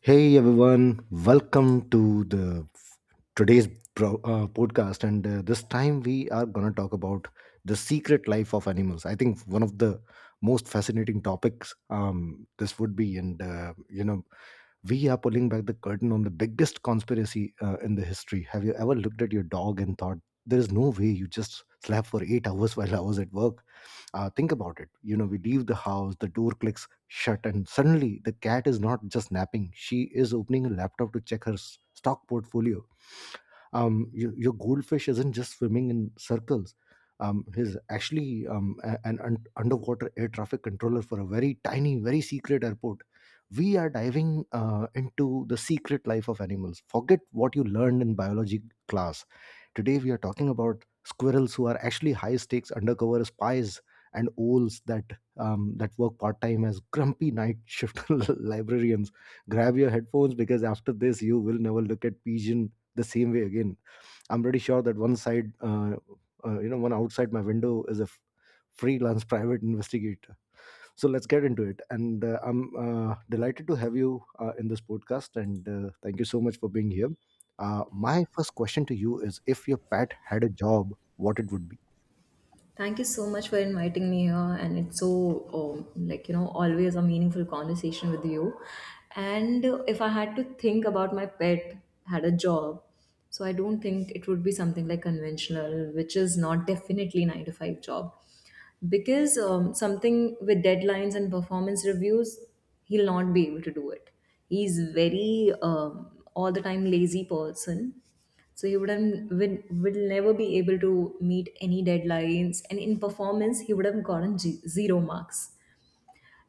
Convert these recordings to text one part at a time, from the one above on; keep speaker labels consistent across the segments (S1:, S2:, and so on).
S1: Hey everyone, welcome to today's podcast, and this time we are gonna talk about the secret life of animals. I think one of the most fascinating topics this would be, and we are pulling back the curtain on the biggest conspiracy in the history. Have you ever looked at your dog and thought there is no way you just slept for 8 hours while I was at work? Think about it. We leave the house, the door clicks shut, and suddenly the cat is not just napping, she is opening a laptop to check her stock portfolio. Your goldfish isn't just swimming in circles. He's actually underwater air traffic controller for a very tiny, very secret airport. We are diving into the secret life of animals. Forget what you learned in biology class. Today, we are talking about squirrels who are actually high stakes undercover spies, and owls that that work part time as grumpy night shift librarians. Grab your headphones, because after this, you will never look at pigeon the same way again. I'm pretty sure that one side you know one outside my window is a freelance private investigator. So let's get into it and I'm delighted to have you in this podcast, and thank you so much for being here. My first question to you is, if your pet had a job, what it would be.
S2: Thank you so much for inviting me here, and it's so like always a meaningful conversation with you. And if I had to think about my pet had a job, so I don't think it would be something like conventional, which is not definitely nine to five job, because something with deadlines and performance reviews, he'll not be able to do it. He's very all the time lazy person, so he would have will, will never be able to meet any deadlines, and in performance he would have gotten zero marks.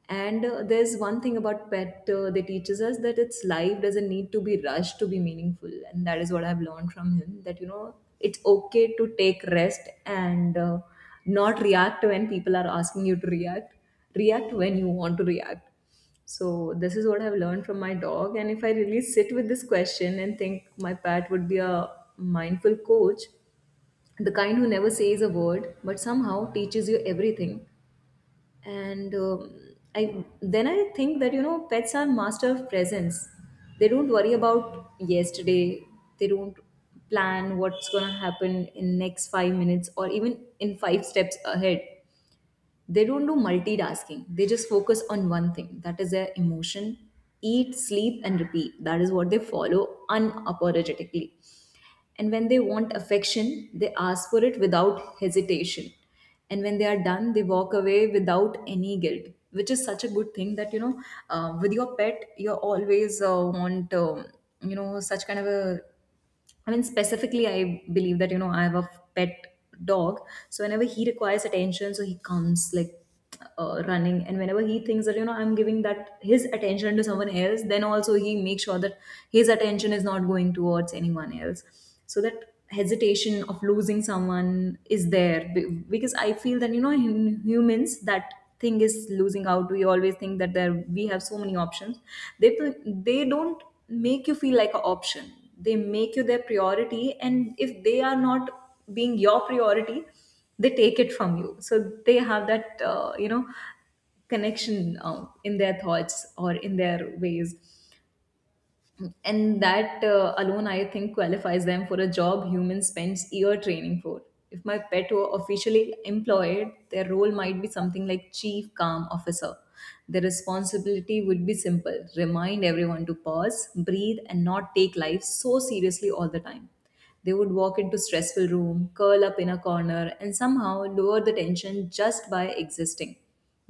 S2: And there's one thing about pet that teaches us that its life doesn't need to be rushed to be meaningful. And that is what I've learned from him that, it's okay to take rest and not react when people are asking you to react. React when you want to react. So, this is what I've learned from my dog. And if I really sit with this question and think my pet would be a mindful coach, the kind who never says a word but somehow teaches you everything. And I think that pets are master of presence. They don't worry about yesterday. They don't plan what's going to happen in next 5 minutes or even in 5 steps ahead. They don't do multitasking. They just focus on one thing, that is their emotion. Eat, sleep, and repeat, that is what they follow unapologetically. And when they want affection, they ask for it without hesitation. And when they are done, they walk away without any guilt, which is such a good thing that with your pet, you always want, such kind of a, I mean, specifically, I believe that, I have a pet dog. So whenever he requires attention, so he comes like running. And whenever he thinks that, I'm giving that his attention to someone else, then also he makes sure that his attention is not going towards anyone else. So that hesitation of losing someone is there. Because I feel that, in humans, that thing is losing out. We always think that there we have so many options. They, they don't make you feel like an option. They make you their priority, and if they are not being your priority, they take it from you. So they have that connection in their thoughts or in their ways. And that alone, I think, qualifies them for a job humans spends year training for. If my pet were officially employed, their role might be something like chief calm officer. The responsibility would be simple: remind everyone to pause, breathe, and not take life so seriously all the time. They would walk into stressful room, curl up in a corner, and somehow lower the tension just by existing.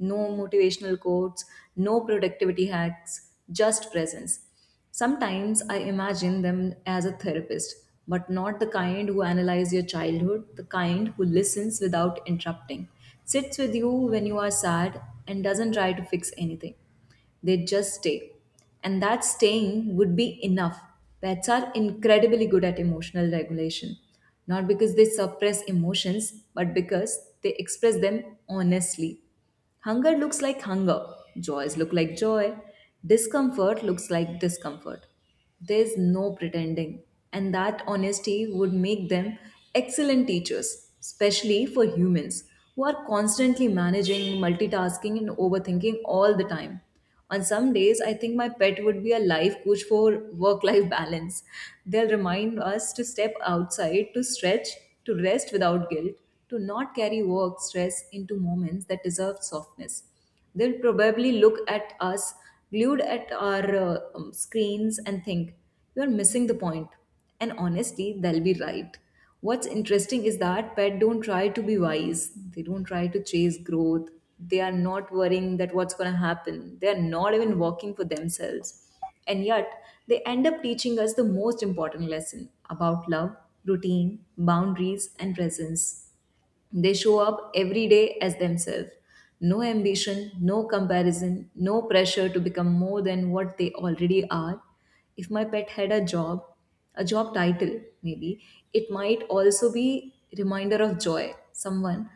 S2: No motivational quotes, no productivity hacks, just presence. Sometimes I imagine them as a therapist, but not the kind who analyzes your childhood, the kind who listens without interrupting, sits with you when you are sad, and doesn't try to fix anything. They just stay. And that staying would be enough. Pets are incredibly good at emotional regulation, not because they suppress emotions, but because they express them honestly. Hunger looks like hunger, joys look like joy, discomfort looks like discomfort. There's no pretending, and that honesty would make them excellent teachers, especially for humans who are constantly managing, multitasking, and overthinking all the time. On some days, I think my pet would be a life coach for work life balance. They'll remind us to step outside, to stretch, to rest without guilt, to not carry work stress into moments that deserve softness. They'll probably look at us, glued at our screens, and think, you're missing the point. And honestly, they'll be right. What's interesting is that pets don't try to be wise. They don't try to chase growth. They are not worrying that what's going to happen. They are not even working for themselves. And yet they end up teaching us the most important lesson about love, routine, boundaries, and presence. They show up every day as themselves. No ambition, no comparison, no pressure to become more than what they already are. If my pet had a job title maybe, it might also be reminder of joy, someone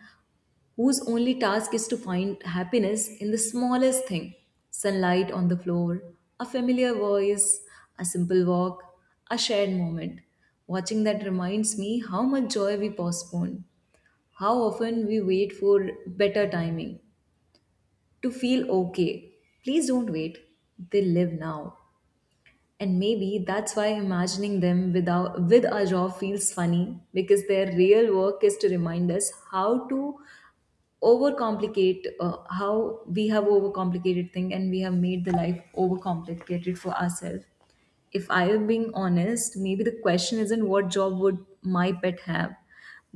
S2: whose only task is to find happiness in the smallest thing. Sunlight on the floor, a familiar voice, a simple walk, a shared moment. Watching that reminds me how much joy we postpone, how often we wait for better timing to feel okay. Please don't wait. They live now. And maybe that's why imagining them without with a jaw feels funny, because their real work is to remind us how to overcomplicate, how we have overcomplicated thing, and we have made the life overcomplicated for ourselves. If I am being honest, maybe the question isn't what job would my pet have,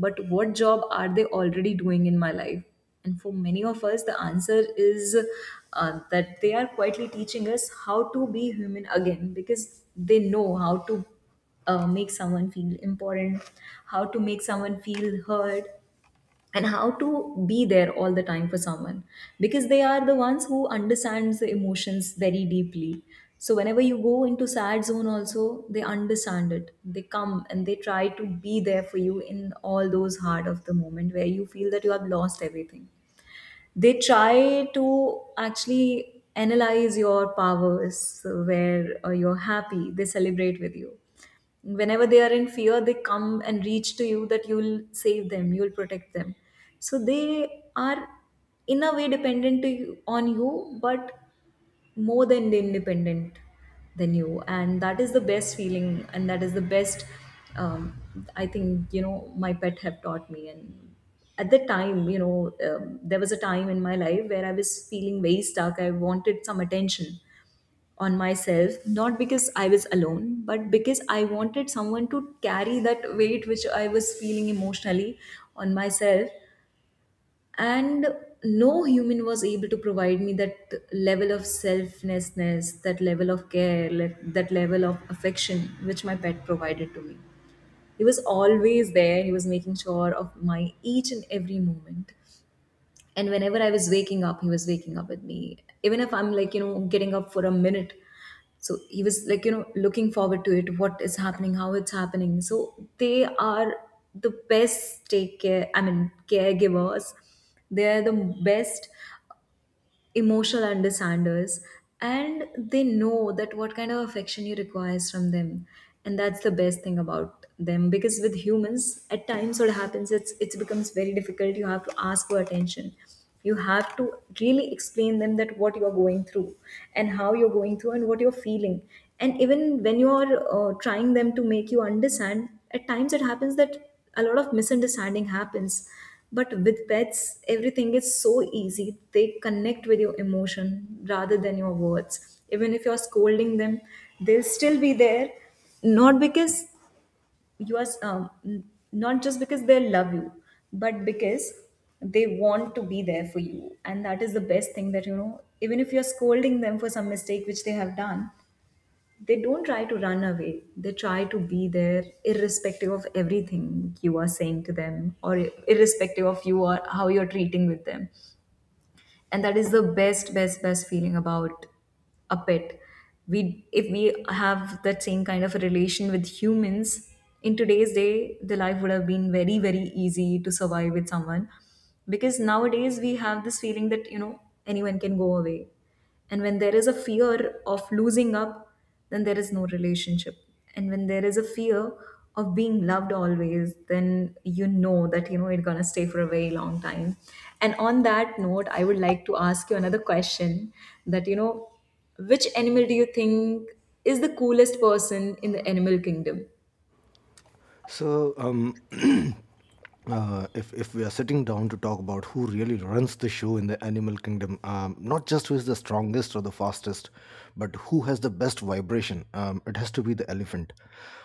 S2: but what job are they already doing in my life. And for many of us, the answer is that they are quietly teaching us how to be human again, because they know how to make someone feel important, how to make someone feel heard, and how to be there all the time for someone, because they are the ones who understands the emotions very deeply. So whenever you go into sad zone also, they understand it. They come and they try to be there for you in all those hard of the moment, where you feel that you have lost everything. They try to actually analyze your powers. Where you're happy, they celebrate with you. Whenever they are in fear, they come and reach to you that you'll save them, you'll protect them. So they are, in a way, dependent to you, on you, but more than independent than you. And that is the best feeling, and that is the best, um, I think, my pet have taught me. And at the time, there was a time in my life where I was feeling very stuck. I wanted some attention on myself, not because I was alone but because I wanted someone to carry that weight which I was feeling emotionally on myself. And no human was able to provide me that level of selflessness, that level of care, that level of affection which my pet provided to me. He was always there. He was making sure of my each and every moment. And whenever I was waking up, he was waking up with me, even if I'm like, getting up for a minute. So he was like, looking forward to it, what is happening, how it's happening. So they are the best take care, I mean, caregivers. They are the best emotional understanders, and they know that what kind of affection you requires from them. And that's the best thing about them, because with humans, at times what happens, it becomes very difficult. You have to ask for attention. You have to really explain them that what you're going through, and how you're going through, and what you're feeling. And even when you're trying them to make you understand, at times it happens that a lot of misunderstanding happens. But with pets, everything is so easy. They connect with your emotion rather than your words. Even if you're scolding them, they'll still be there, not because you are not just because they love you, but because they want to be there for you. And that is the best thing that, even if you're scolding them for some mistake which they have done, they don't try to run away. They try to be there irrespective of everything you are saying to them, or irrespective of you or how you're treating with them. And that is the best, best, best feeling about a pet. We if we have that same kind of a relation with humans in today's day, the life would have been very very easy to survive with someone, because nowadays we have this feeling that, anyone can go away. And when there is a fear of losing up, then there is no relationship. And when there is a fear of being loved always, then you know that it's gonna stay for a very long time. And on that note, I would like to ask you another question, that you know, which animal do you think is the coolest person in the animal kingdom?
S1: So, if we are sitting down to talk about who really runs the show in the animal kingdom, not just who is the strongest or the fastest, but who has the best vibration, it has to be the elephant.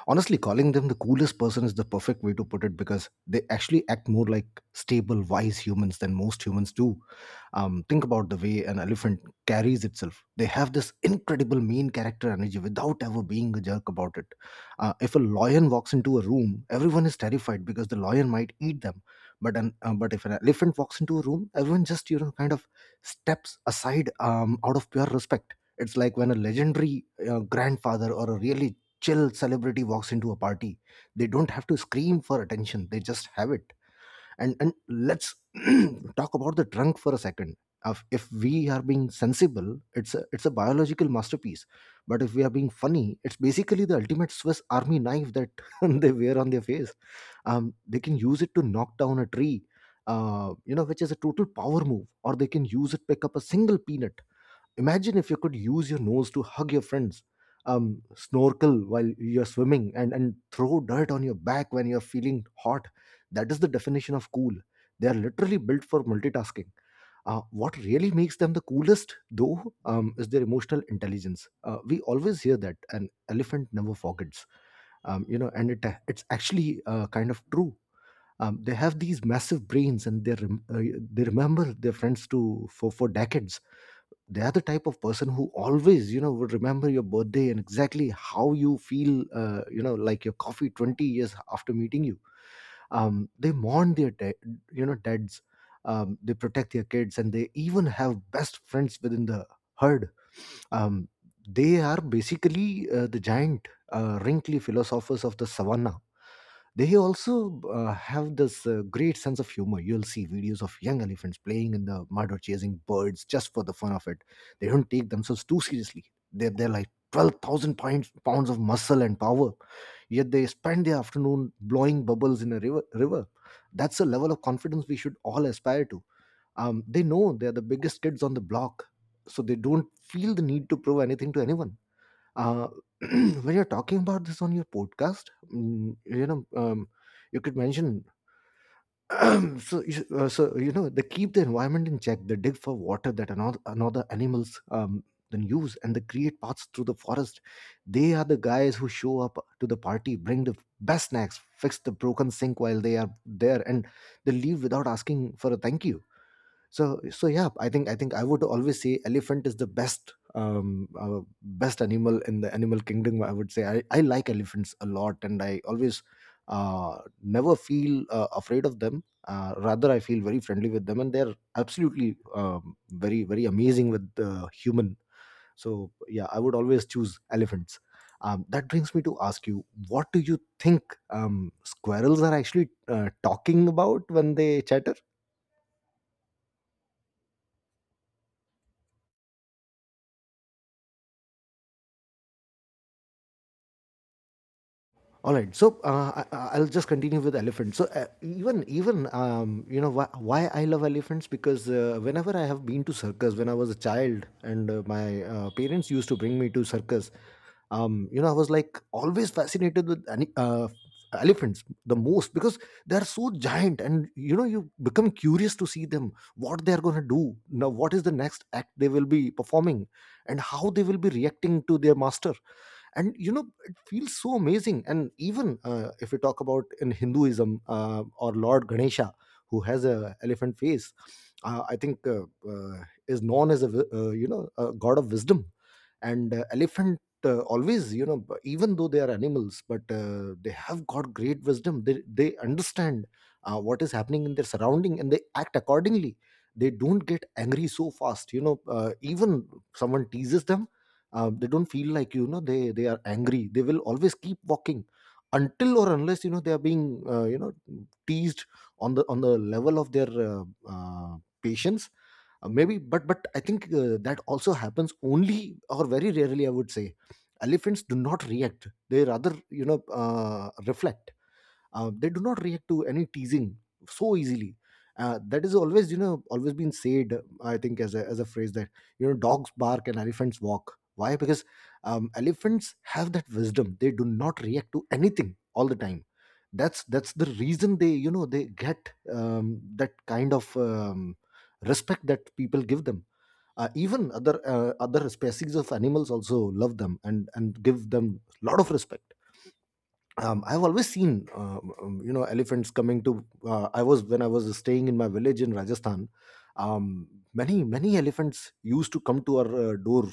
S1: Honestly, calling them the coolest person is the perfect way to put it, because they actually act more like stable, wise humans than most humans do. Think about the way an elephant carries itself. They have this incredible mean character energy without ever being a jerk about it. If a lion walks into a room, everyone is terrified because the lion might eat them. But if an elephant walks into a room, everyone just, you know, kind of steps aside out of pure respect. It's like when a legendary grandfather or a really chill celebrity walks into a party, they don't have to scream for attention; they just have it. And let's talk about the trunk for a second. If we are being sensible, it's a biological masterpiece, but if we are being funny, it's basically the ultimate Swiss army knife that they wear on their face. They can use it to knock down a tree, which is a total power move, or they can use it pick up a single peanut. Imagine if you could use your nose to hug your friends, snorkel while you're swimming, and throw dirt on your back when you're feeling hot. That is the definition of cool. They are literally built for multitasking. What really makes them the coolest, though, is their emotional intelligence. We always hear that an elephant never forgets, and it's actually kind of true. They have these massive brains, and they remember their friends to for decades. They are the type of person who always, you know, would remember your birthday and exactly how you feel, like your coffee, 20 years after meeting you. They mourn their dads, they protect their kids, and they even have best friends within the herd. um, they are basically the giant wrinkly philosophers of the savannah. They also have this great sense of humor. You'll see videos of young elephants playing in the mud or chasing birds just for the fun of it. They don't take themselves too seriously. They're like 12,000 pounds of muscle and power, yet they spend their afternoon blowing bubbles in a river. That's a level of confidence we should all aspire to. They know they're the biggest kids on the block, so they don't feel the need to prove anything to anyone. uh, when you're talking about this on your podcast, mm, you know, um, you could mention so you know they keep the environment in check. They dig for water that another animals then use, and they create paths through the forest. They are the guys who show up to the party, bring the best snacks, fix the broken sink while they are there, and they leave without asking for a thank you. So yeah, I think I would always say elephant is the best best animal in the animal kingdom, I would say. I like elephants a lot, and I always never feel afraid of them. Rather, I feel very friendly with them, and they're absolutely very very amazing with the human. So yeah, I would always choose elephants. That brings me to ask you, what do you think squirrels are actually talking about when they chatter. All right, so I'll just continue with elephants. So even even you know, why I love elephants, because whenever I have been to circus when I was a child, and my parents used to bring me to circus, you know, I was like always fascinated with elephants the most, because they are so giant, and you know, you become curious to see them, what they are going to do now, what is the next act they will be performing, and how they will be reacting to their master. And you know, it feels so amazing. And even if we talk about in Hinduism or Lord Ganesha, who has a elephant face, I think is known as a wi- you know a god of wisdom. And elephant always, you know, even though they are animals, but they have got great wisdom. They understand what is happening in their surrounding, and they act accordingly. They don't get angry so fast, you know. Even someone teases them, they don't feel like, you know, they are angry. They will always keep walking until or unless, you know, they are being teased on the level of their uh, patience, maybe. But I think that also happens only, or very rarely, I would say. Elephants do not react, they rather, you know, reflect. They do not react to any teasing so easily. That is always, you know, always been said, I think as as a phrase that, you know, dogs bark and elephants walk. Why? Because elephants have that wisdom, they do not react to anything all the time. That's the reason they, you know, they get that kind of respect that people give them. Even other other species of animals also love them and give them a lot of respect. I've always seen, you know, elephants coming to. I was when I was staying in my village in Rajasthan. Um, Many many elephants used to come to our door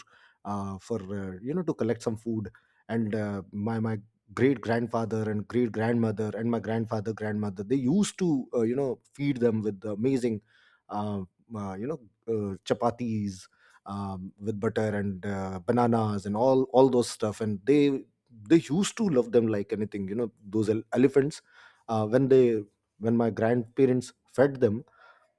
S1: for you know, to collect some food, and my great grandfather and great grandmother and my grandfather grandmother, they used to feed them with amazing, uh, uh, you know, chapatis. With butter and bananas and all those stuff, and they used to love them like anything, you know, those elephants when they, when my grandparents fed them,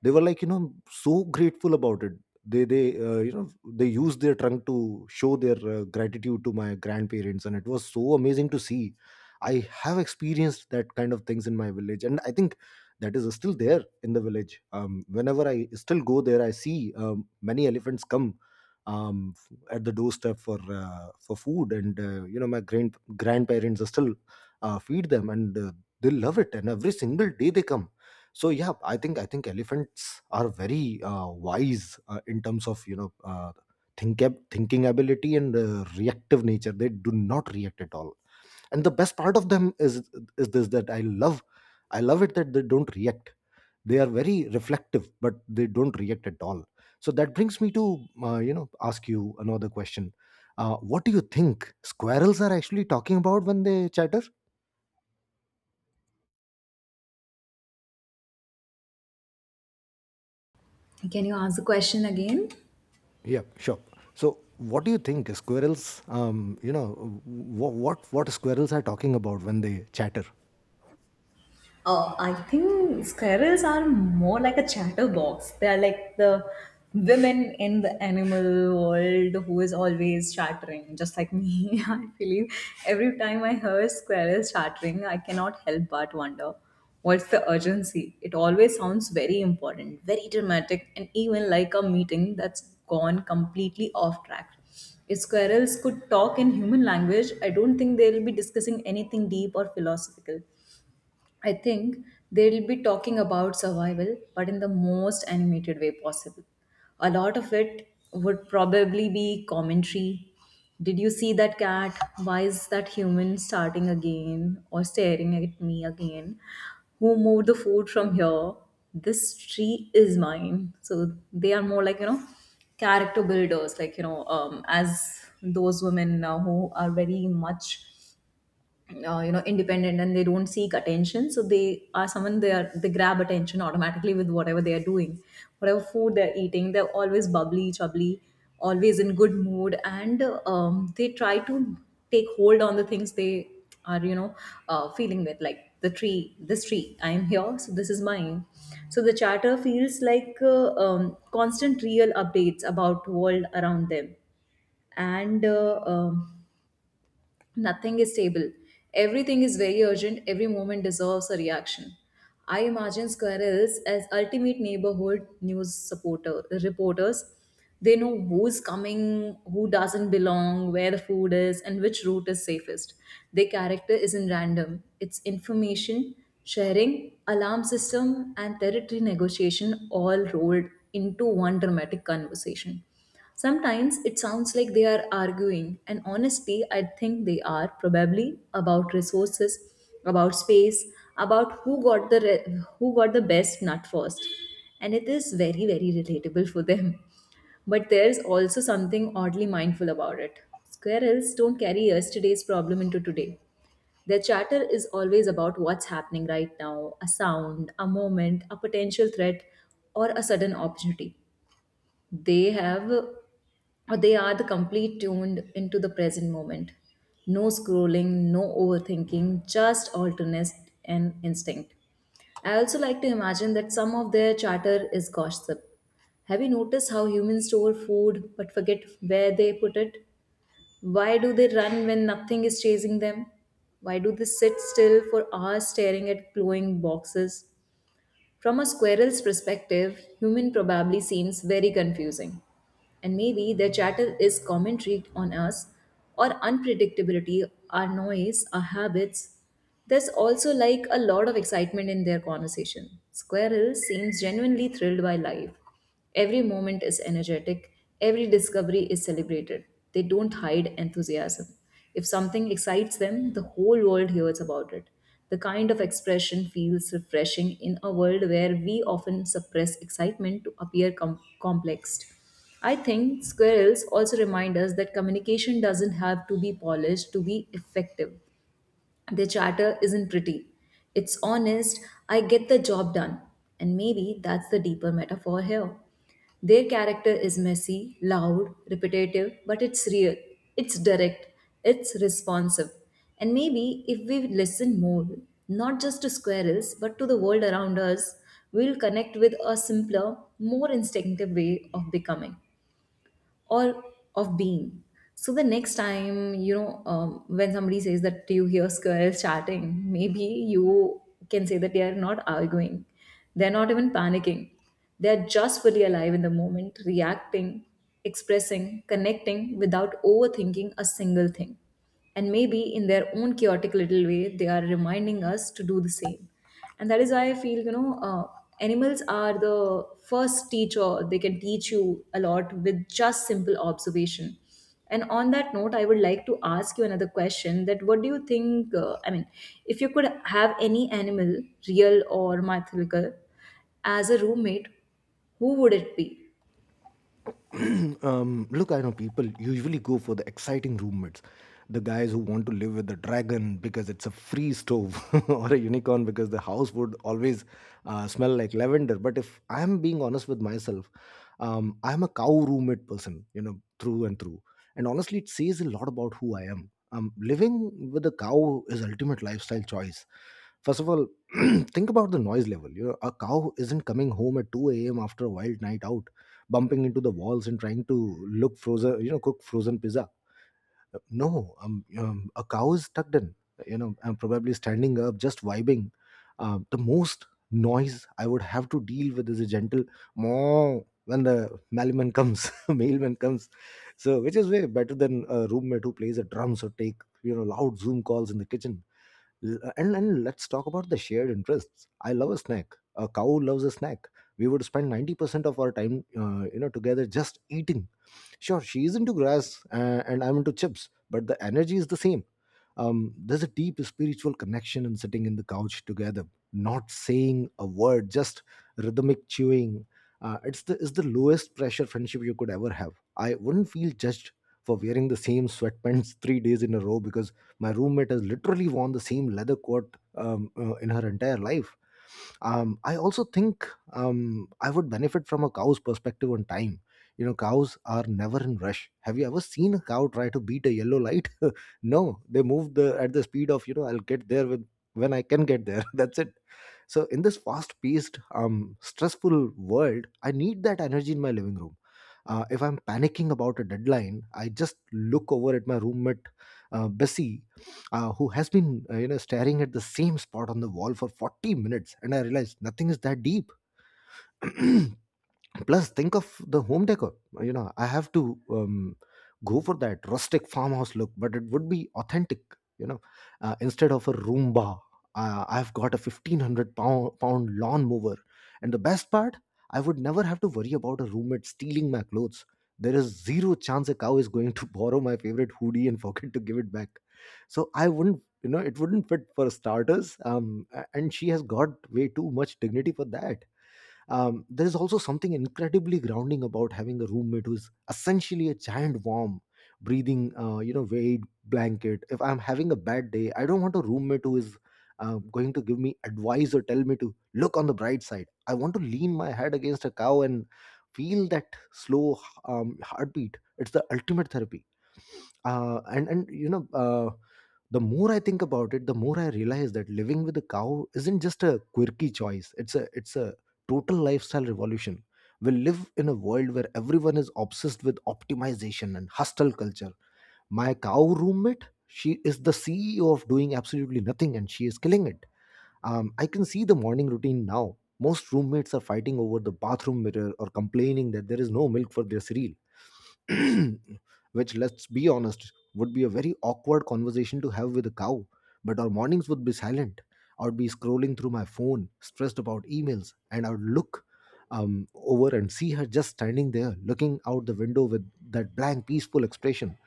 S1: they were like, so grateful about it. They they uh, you know they used their trunk to show their gratitude to my grandparents, and it was so amazing to see. I have experienced that kind of things in my village, and I think that is still there in the village. Whenever I still go there, I see many elephants come at the doorstep for food. And my grandparents still feed them, and they love it, and every single day they come. So yeah, I think elephants are very wise, in terms of, you know, think thinking ability and reactive nature. They do not react at all. And the best part of them is this, that I love, I love it, that they don't react. They are very reflective, but they don't react at all. So that brings me to, ask you another question. What do you think squirrels are actually talking about when they chatter?
S2: Can you ask the question again?
S1: Yeah, sure. So, what do you think squirrels? What squirrels are talking about when they chatter?
S2: I think squirrels are more like a chatterbox. They are like the women in the animal world who is always chattering, just like me. I believe every time I hear squirrels chattering, I cannot help but wonder what's the urgency. It always sounds very important, very dramatic, and even like a meeting that's gone completely off track. If squirrels could talk in human language, I don't think they'll be discussing anything deep or philosophical. I think they'll be talking about survival, but in the most animated way possible. A lot of it would probably be commentary. Did you see that cat? Why is that human starting again or staring at me again? Who moved the food from here? This tree is mine. So they are more like, you know, character builders, like, as those women who are very much independent, and they don't seek attention, so they are someone, they are, they grab attention automatically with whatever they are doing, whatever food they're eating. They're always bubbly, chubbly, always in good mood, and they try to take hold on the things they are, you know, feeling with, like the tree, this tree, I am here, so this is mine. So the chatter feels like constant real updates about world around them. And Nothing is stable. Everything is very urgent. Every moment deserves a reaction. I imagine squirrels as ultimate neighborhood news supporter reporters. They know who's coming, who doesn't belong, where the food is, and which route is safest. Their character isn't random. It's information sharing, alarm system, and territory negotiation all rolled into one dramatic conversation. Sometimes it sounds like they are arguing, and honestly, I think they are probably about resources, about space, about who got the best nut first. And it is very very relatable for them. But there's also something oddly mindful about it. Squirrels don't carry yesterday's problem into today. Their chatter is always about what's happening right now, a sound, a moment, a potential threat, or a sudden opportunity they have, or they are the complete tuned into the present moment. No scrolling, no overthinking, just alternate and instinct. I also like to imagine that some of their chatter is gossip. Have you noticed how humans store food but forget where they put it? Why do they run when nothing is chasing them? Why do they sit still for hours staring at glowing boxes? From a squirrel's perspective, human probably seems very confusing, and maybe their chatter is commentary on us, or unpredictability, our noise, our habits. There's also like a lot of excitement in their conversation. Squirrel seems genuinely thrilled by life. Every moment is energetic, every discovery is celebrated. They don't hide enthusiasm. If something excites them, the whole world hears about it. The kind of expression feels refreshing in a world where we often suppress excitement to appear complexed. I think squirrels also remind us that communication doesn't have to be polished to be effective. Their chatter isn't pretty. It's honest, I get the job done. And maybe that's the deeper metaphor here. Their character is messy, loud, repetitive, but it's real, it's direct, it's responsive. And maybe if we listen more, not just to squirrels, but to the world around us, we'll connect with a simpler, more instinctive way of becoming, or of being. So the next time, when somebody says that you hear squirrels chatting, maybe you can say that they are not arguing, they're not even panicking. They're just fully alive in the moment, reacting, expressing, connecting without overthinking a single thing. And maybe in their own chaotic little way, they are reminding us to do the same. And that is why I feel, animals are the first teacher. They can teach you a lot with just simple observation. And on that note, I would like to ask you another question: that what do you think, I mean, if you could have any animal, real or mythological, as a roommate, who would it be?
S1: Look, I know people usually go for the exciting roommates, the guys who want to live with the dragon because it's a free stove, or a unicorn because the house would always smell like lavender. But if I'm being honest with myself, I'm a cow roommate person, you know, through and through. And honestly, it says a lot about who I am. Living with a cow is ultimate lifestyle choice. First of all, think about the noise level. You know, a cow isn't coming home at 2 a.m. after a wild night out, bumping into the walls and trying to look frozen you know cook frozen pizza. No. A cow is tucked in, you know, I'm probably standing up, just vibing. The most noise I would have to deal with is a gentle moo when the mailman comes mailman comes. So, which is way better than a roommate who plays the drums or take, you know, loud Zoom calls in the kitchen. And let's talk about the shared interests. I love a snack, a cow loves a snack. We would spend 90% of our time, together, just eating. Sure, she's into grass, and I'm into chips, but the energy is the same. There's a deep spiritual connection in sitting in the couch together, not saying a word, just rhythmic chewing. It's the lowest pressure friendship you could ever have. I wouldn't feel judged for wearing the same sweatpants 3 days in a row, because my roommate has literally worn the same leather coat in her entire life. I also think I would benefit from a cow's perspective on time. You know, cows are never in rush. Have you ever seen a cow try to beat a yellow light? No, they move the at the speed of, you know, I'll get there with, when I can get there. That's it. So in this fast-paced, stressful world, I need that energy in my living room. If I'm panicking about a deadline, I just look over at my roommate, Bessie, who has been, staring at the same spot on the wall for 40 minutes, and I realize nothing is that deep. Plus, think of the home decor. You know, I have to, go for that rustic farmhouse look, but it would be authentic, you know. Instead of a Roomba, I've got a 1500 pound lawn mower. And the best part, I would never have to worry about a roommate stealing my clothes. There is zero chance a cow is going to borrow my favorite hoodie and forget to give it back. So I wouldn't, you know, it wouldn't fit for starters, and she has got way too much dignity for that. There is also something incredibly grounding about having a roommate who is essentially a giant, warm, breathing, weight blanket. If I'm having a bad day, I don't want a roommate who is going to give me advice or tell me to look on the bright side. I want to lean my head against a cow and feel that slow, heartbeat. It's the ultimate therapy. And you know The more I think about it, the more I realize that living with a cow isn't just a quirky choice. It's a total lifestyle revolution. We live in a world where everyone is obsessed with optimization and hustle culture. My cow roommate, she is the CEO of doing absolutely nothing, and she is killing it. I can see the morning routine now. Most roommates are fighting over the bathroom mirror or complaining that there is no milk for their cereal. Which, let's be honest, would be a very awkward conversation to have with a cow. But our mornings would be silent. I would be scrolling through my phone, stressed about emails, and I would look over and see her just standing there, looking out the window with that blank, peaceful expression.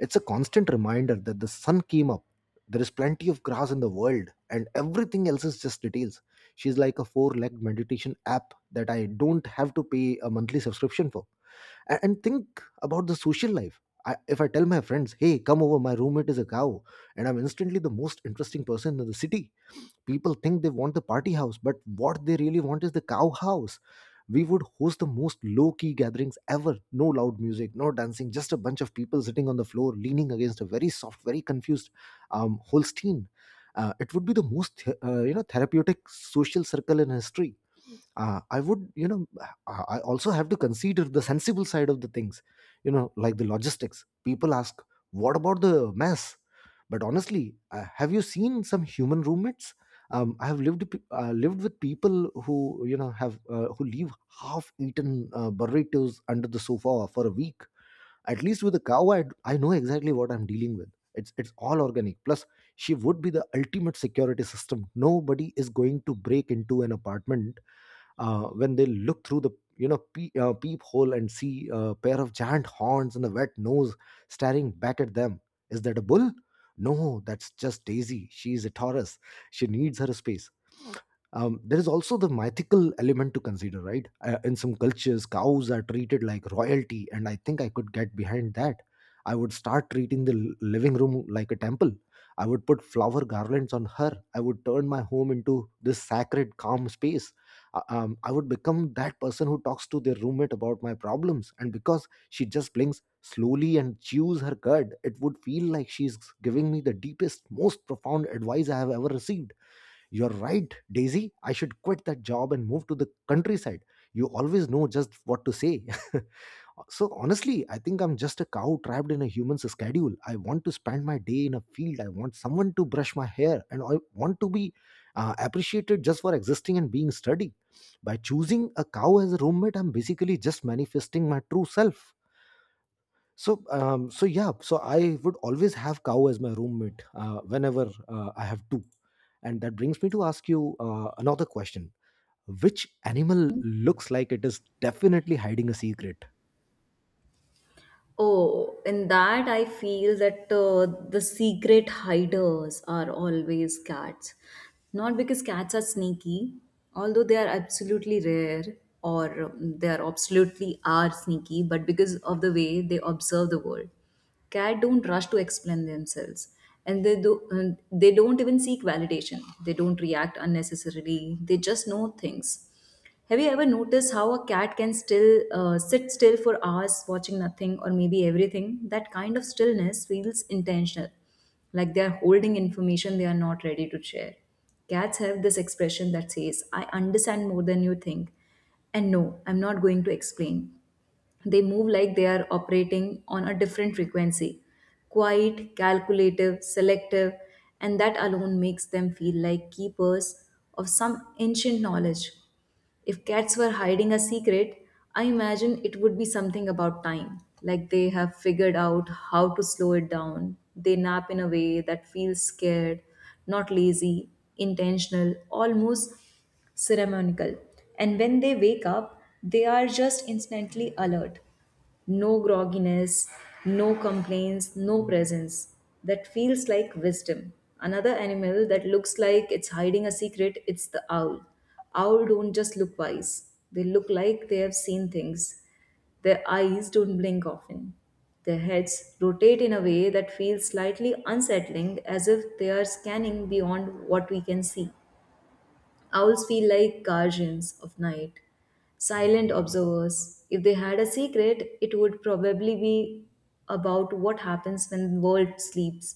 S1: It's a constant reminder that the sun came up. There is plenty of grass in the world, and everything else is just details. She's like a four legged meditation app that I don't have to pay a monthly subscription for. And think about the social life. If I tell my friends, hey, come over, my roommate is a cow, and I'm instantly the most interesting person in the city. People think they want the party house, but what they really want is the cow house. We would host the most low-key gatherings ever. No loud music, no dancing, just a bunch of people sitting on the floor, leaning against a very soft, very confused, Holstein. It would be the most therapeutic social circle in history. Uh, i would you know i I also have to consider the sensible side of the things. You know, like the logistics, people ask, what about the mess? But honestly, have you seen some human roommates? I have lived with people who, have who leave half eaten, burritos under the sofa for a week. At least with the cow, I know exactly what I'm dealing with. It's all organic. Plus, she would be the ultimate security system. Nobody is going to break into an apartment when they look through the, peephole and see a pair of giant horns and a wet nose staring back at them. Is that a bull? No, that's just Daisy. She's a Taurus. She needs her space. There is also the mythical element to consider, right? In some cultures, cows are treated like royalty, and I think I could get behind that. I would start treating the living room like a temple. I would put flower garlands on her. I would turn my home into this sacred, calm space. I would become that person who talks to their roommate about my problems. And because she just blinks slowly and chews her cud, it would feel like she's giving me the deepest, most profound advice I have ever received. "You're right, Daisy. I should quit that job and move to the countryside. You always know just what to say." So, honestly, I think I'm just a cow trapped in a human's schedule. I want to spend my day in a field. I want someone to brush my hair. And I want to be, appreciated just for existing and being sturdy. By choosing a cow as a roommate, I'm basically just manifesting my true self. So, yeah, so I would always have cow as my roommate, whenever, I have two, and that brings me to ask you, another question: which animal looks like it is definitely hiding a secret?
S2: Oh, in that I feel that the secret hiders are always cats. Not because cats are sneaky, although they are absolutely rare, or they are absolutely are sneaky, but because of the way they observe the world. Cat don't rush to explain themselves, and they do. And they don't even seek validation. They don't react unnecessarily. They just know things. Have you ever noticed how a cat can still sit still for hours watching nothing or maybe everything? That kind of stillness feels intentional, like they are holding information they are not ready to share. Cats have this expression that says, I understand more than you think, and no, I'm not going to explain. They move like they are operating on a different frequency, quiet, calculative, selective, and that alone makes them feel like keepers of some ancient knowledge. If cats were hiding a secret, I imagine it would be something about time, like they have figured out how to slow it down. They nap in a way that feels scared, not lazy, intentional, almost ceremonial. And when they wake up, they are just instantly alert. No grogginess, no complaints, no presence. That feels like wisdom. Another animal that looks like it's hiding a secret, it's the owl. Owl don't just look wise. They look like they have seen things. Their eyes don't blink often. Their heads rotate in a way that feels slightly unsettling, as if they are scanning beyond what we can see. Owls feel like guardians of night, silent observers. If they had a secret, it would probably be about what happens when the world sleeps.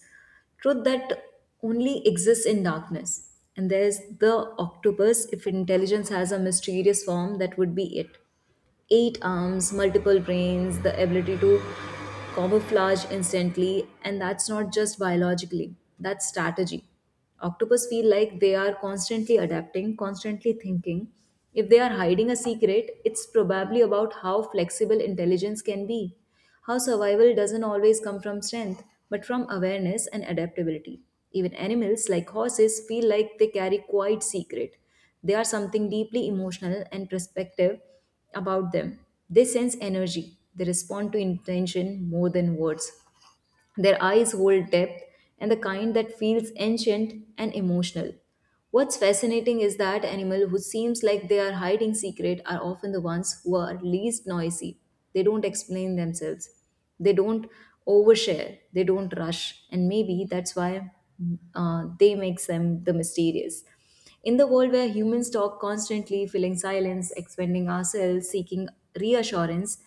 S2: Truth that only exists in darkness. And there's the octopus. If intelligence has a mysterious form, that would be it: eight arms, multiple brains, the ability to camouflage instantly, and that's not just biologically, that's strategy. Octopus feel like they are constantly adapting, constantly thinking. If they are hiding a secret, it's probably about how flexible intelligence can be. How survival doesn't always come from strength, but from awareness and adaptability. Even animals like horses feel like they carry quite secret. They are something deeply emotional and perspective about them. They sense energy. They respond to intention more than words. Their eyes hold depth, and the kind that feels ancient and emotional. What's fascinating is that animals who seems like they are hiding secret are often the ones who are least noisy. They don't explain themselves. They don't overshare. They don't rush. And maybe that's why they makes them the mysterious. In the world where humans talk constantly, filling silence, expanding ourselves, seeking reassurance,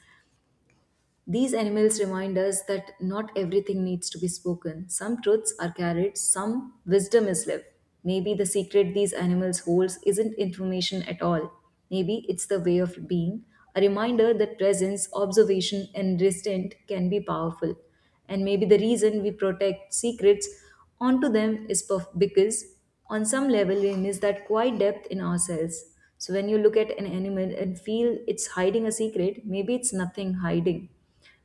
S2: these animals remind us that not everything needs to be spoken. Some truths are carried, some wisdom is lived. Maybe the secret these animals holds isn't information at all. Maybe it's the way of being, a reminder that presence, observation, and restraint can be powerful. And maybe the reason we protect secrets onto them is because on some level we miss that quiet depth in ourselves. So when you look at an animal and feel it's hiding a secret, maybe it's nothing hiding,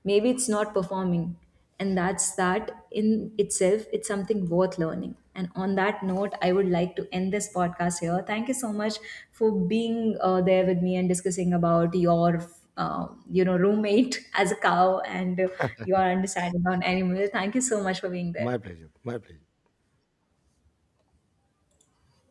S2: maybe it's not performing, and that's that in itself, it's something worth learning. And on that note, I would like to end this podcast here. Thank you so much for being there with me and discussing about your roommate as a cow, and your understanding on animals. Thank you so much for being there.
S1: My pleasure. My pleasure.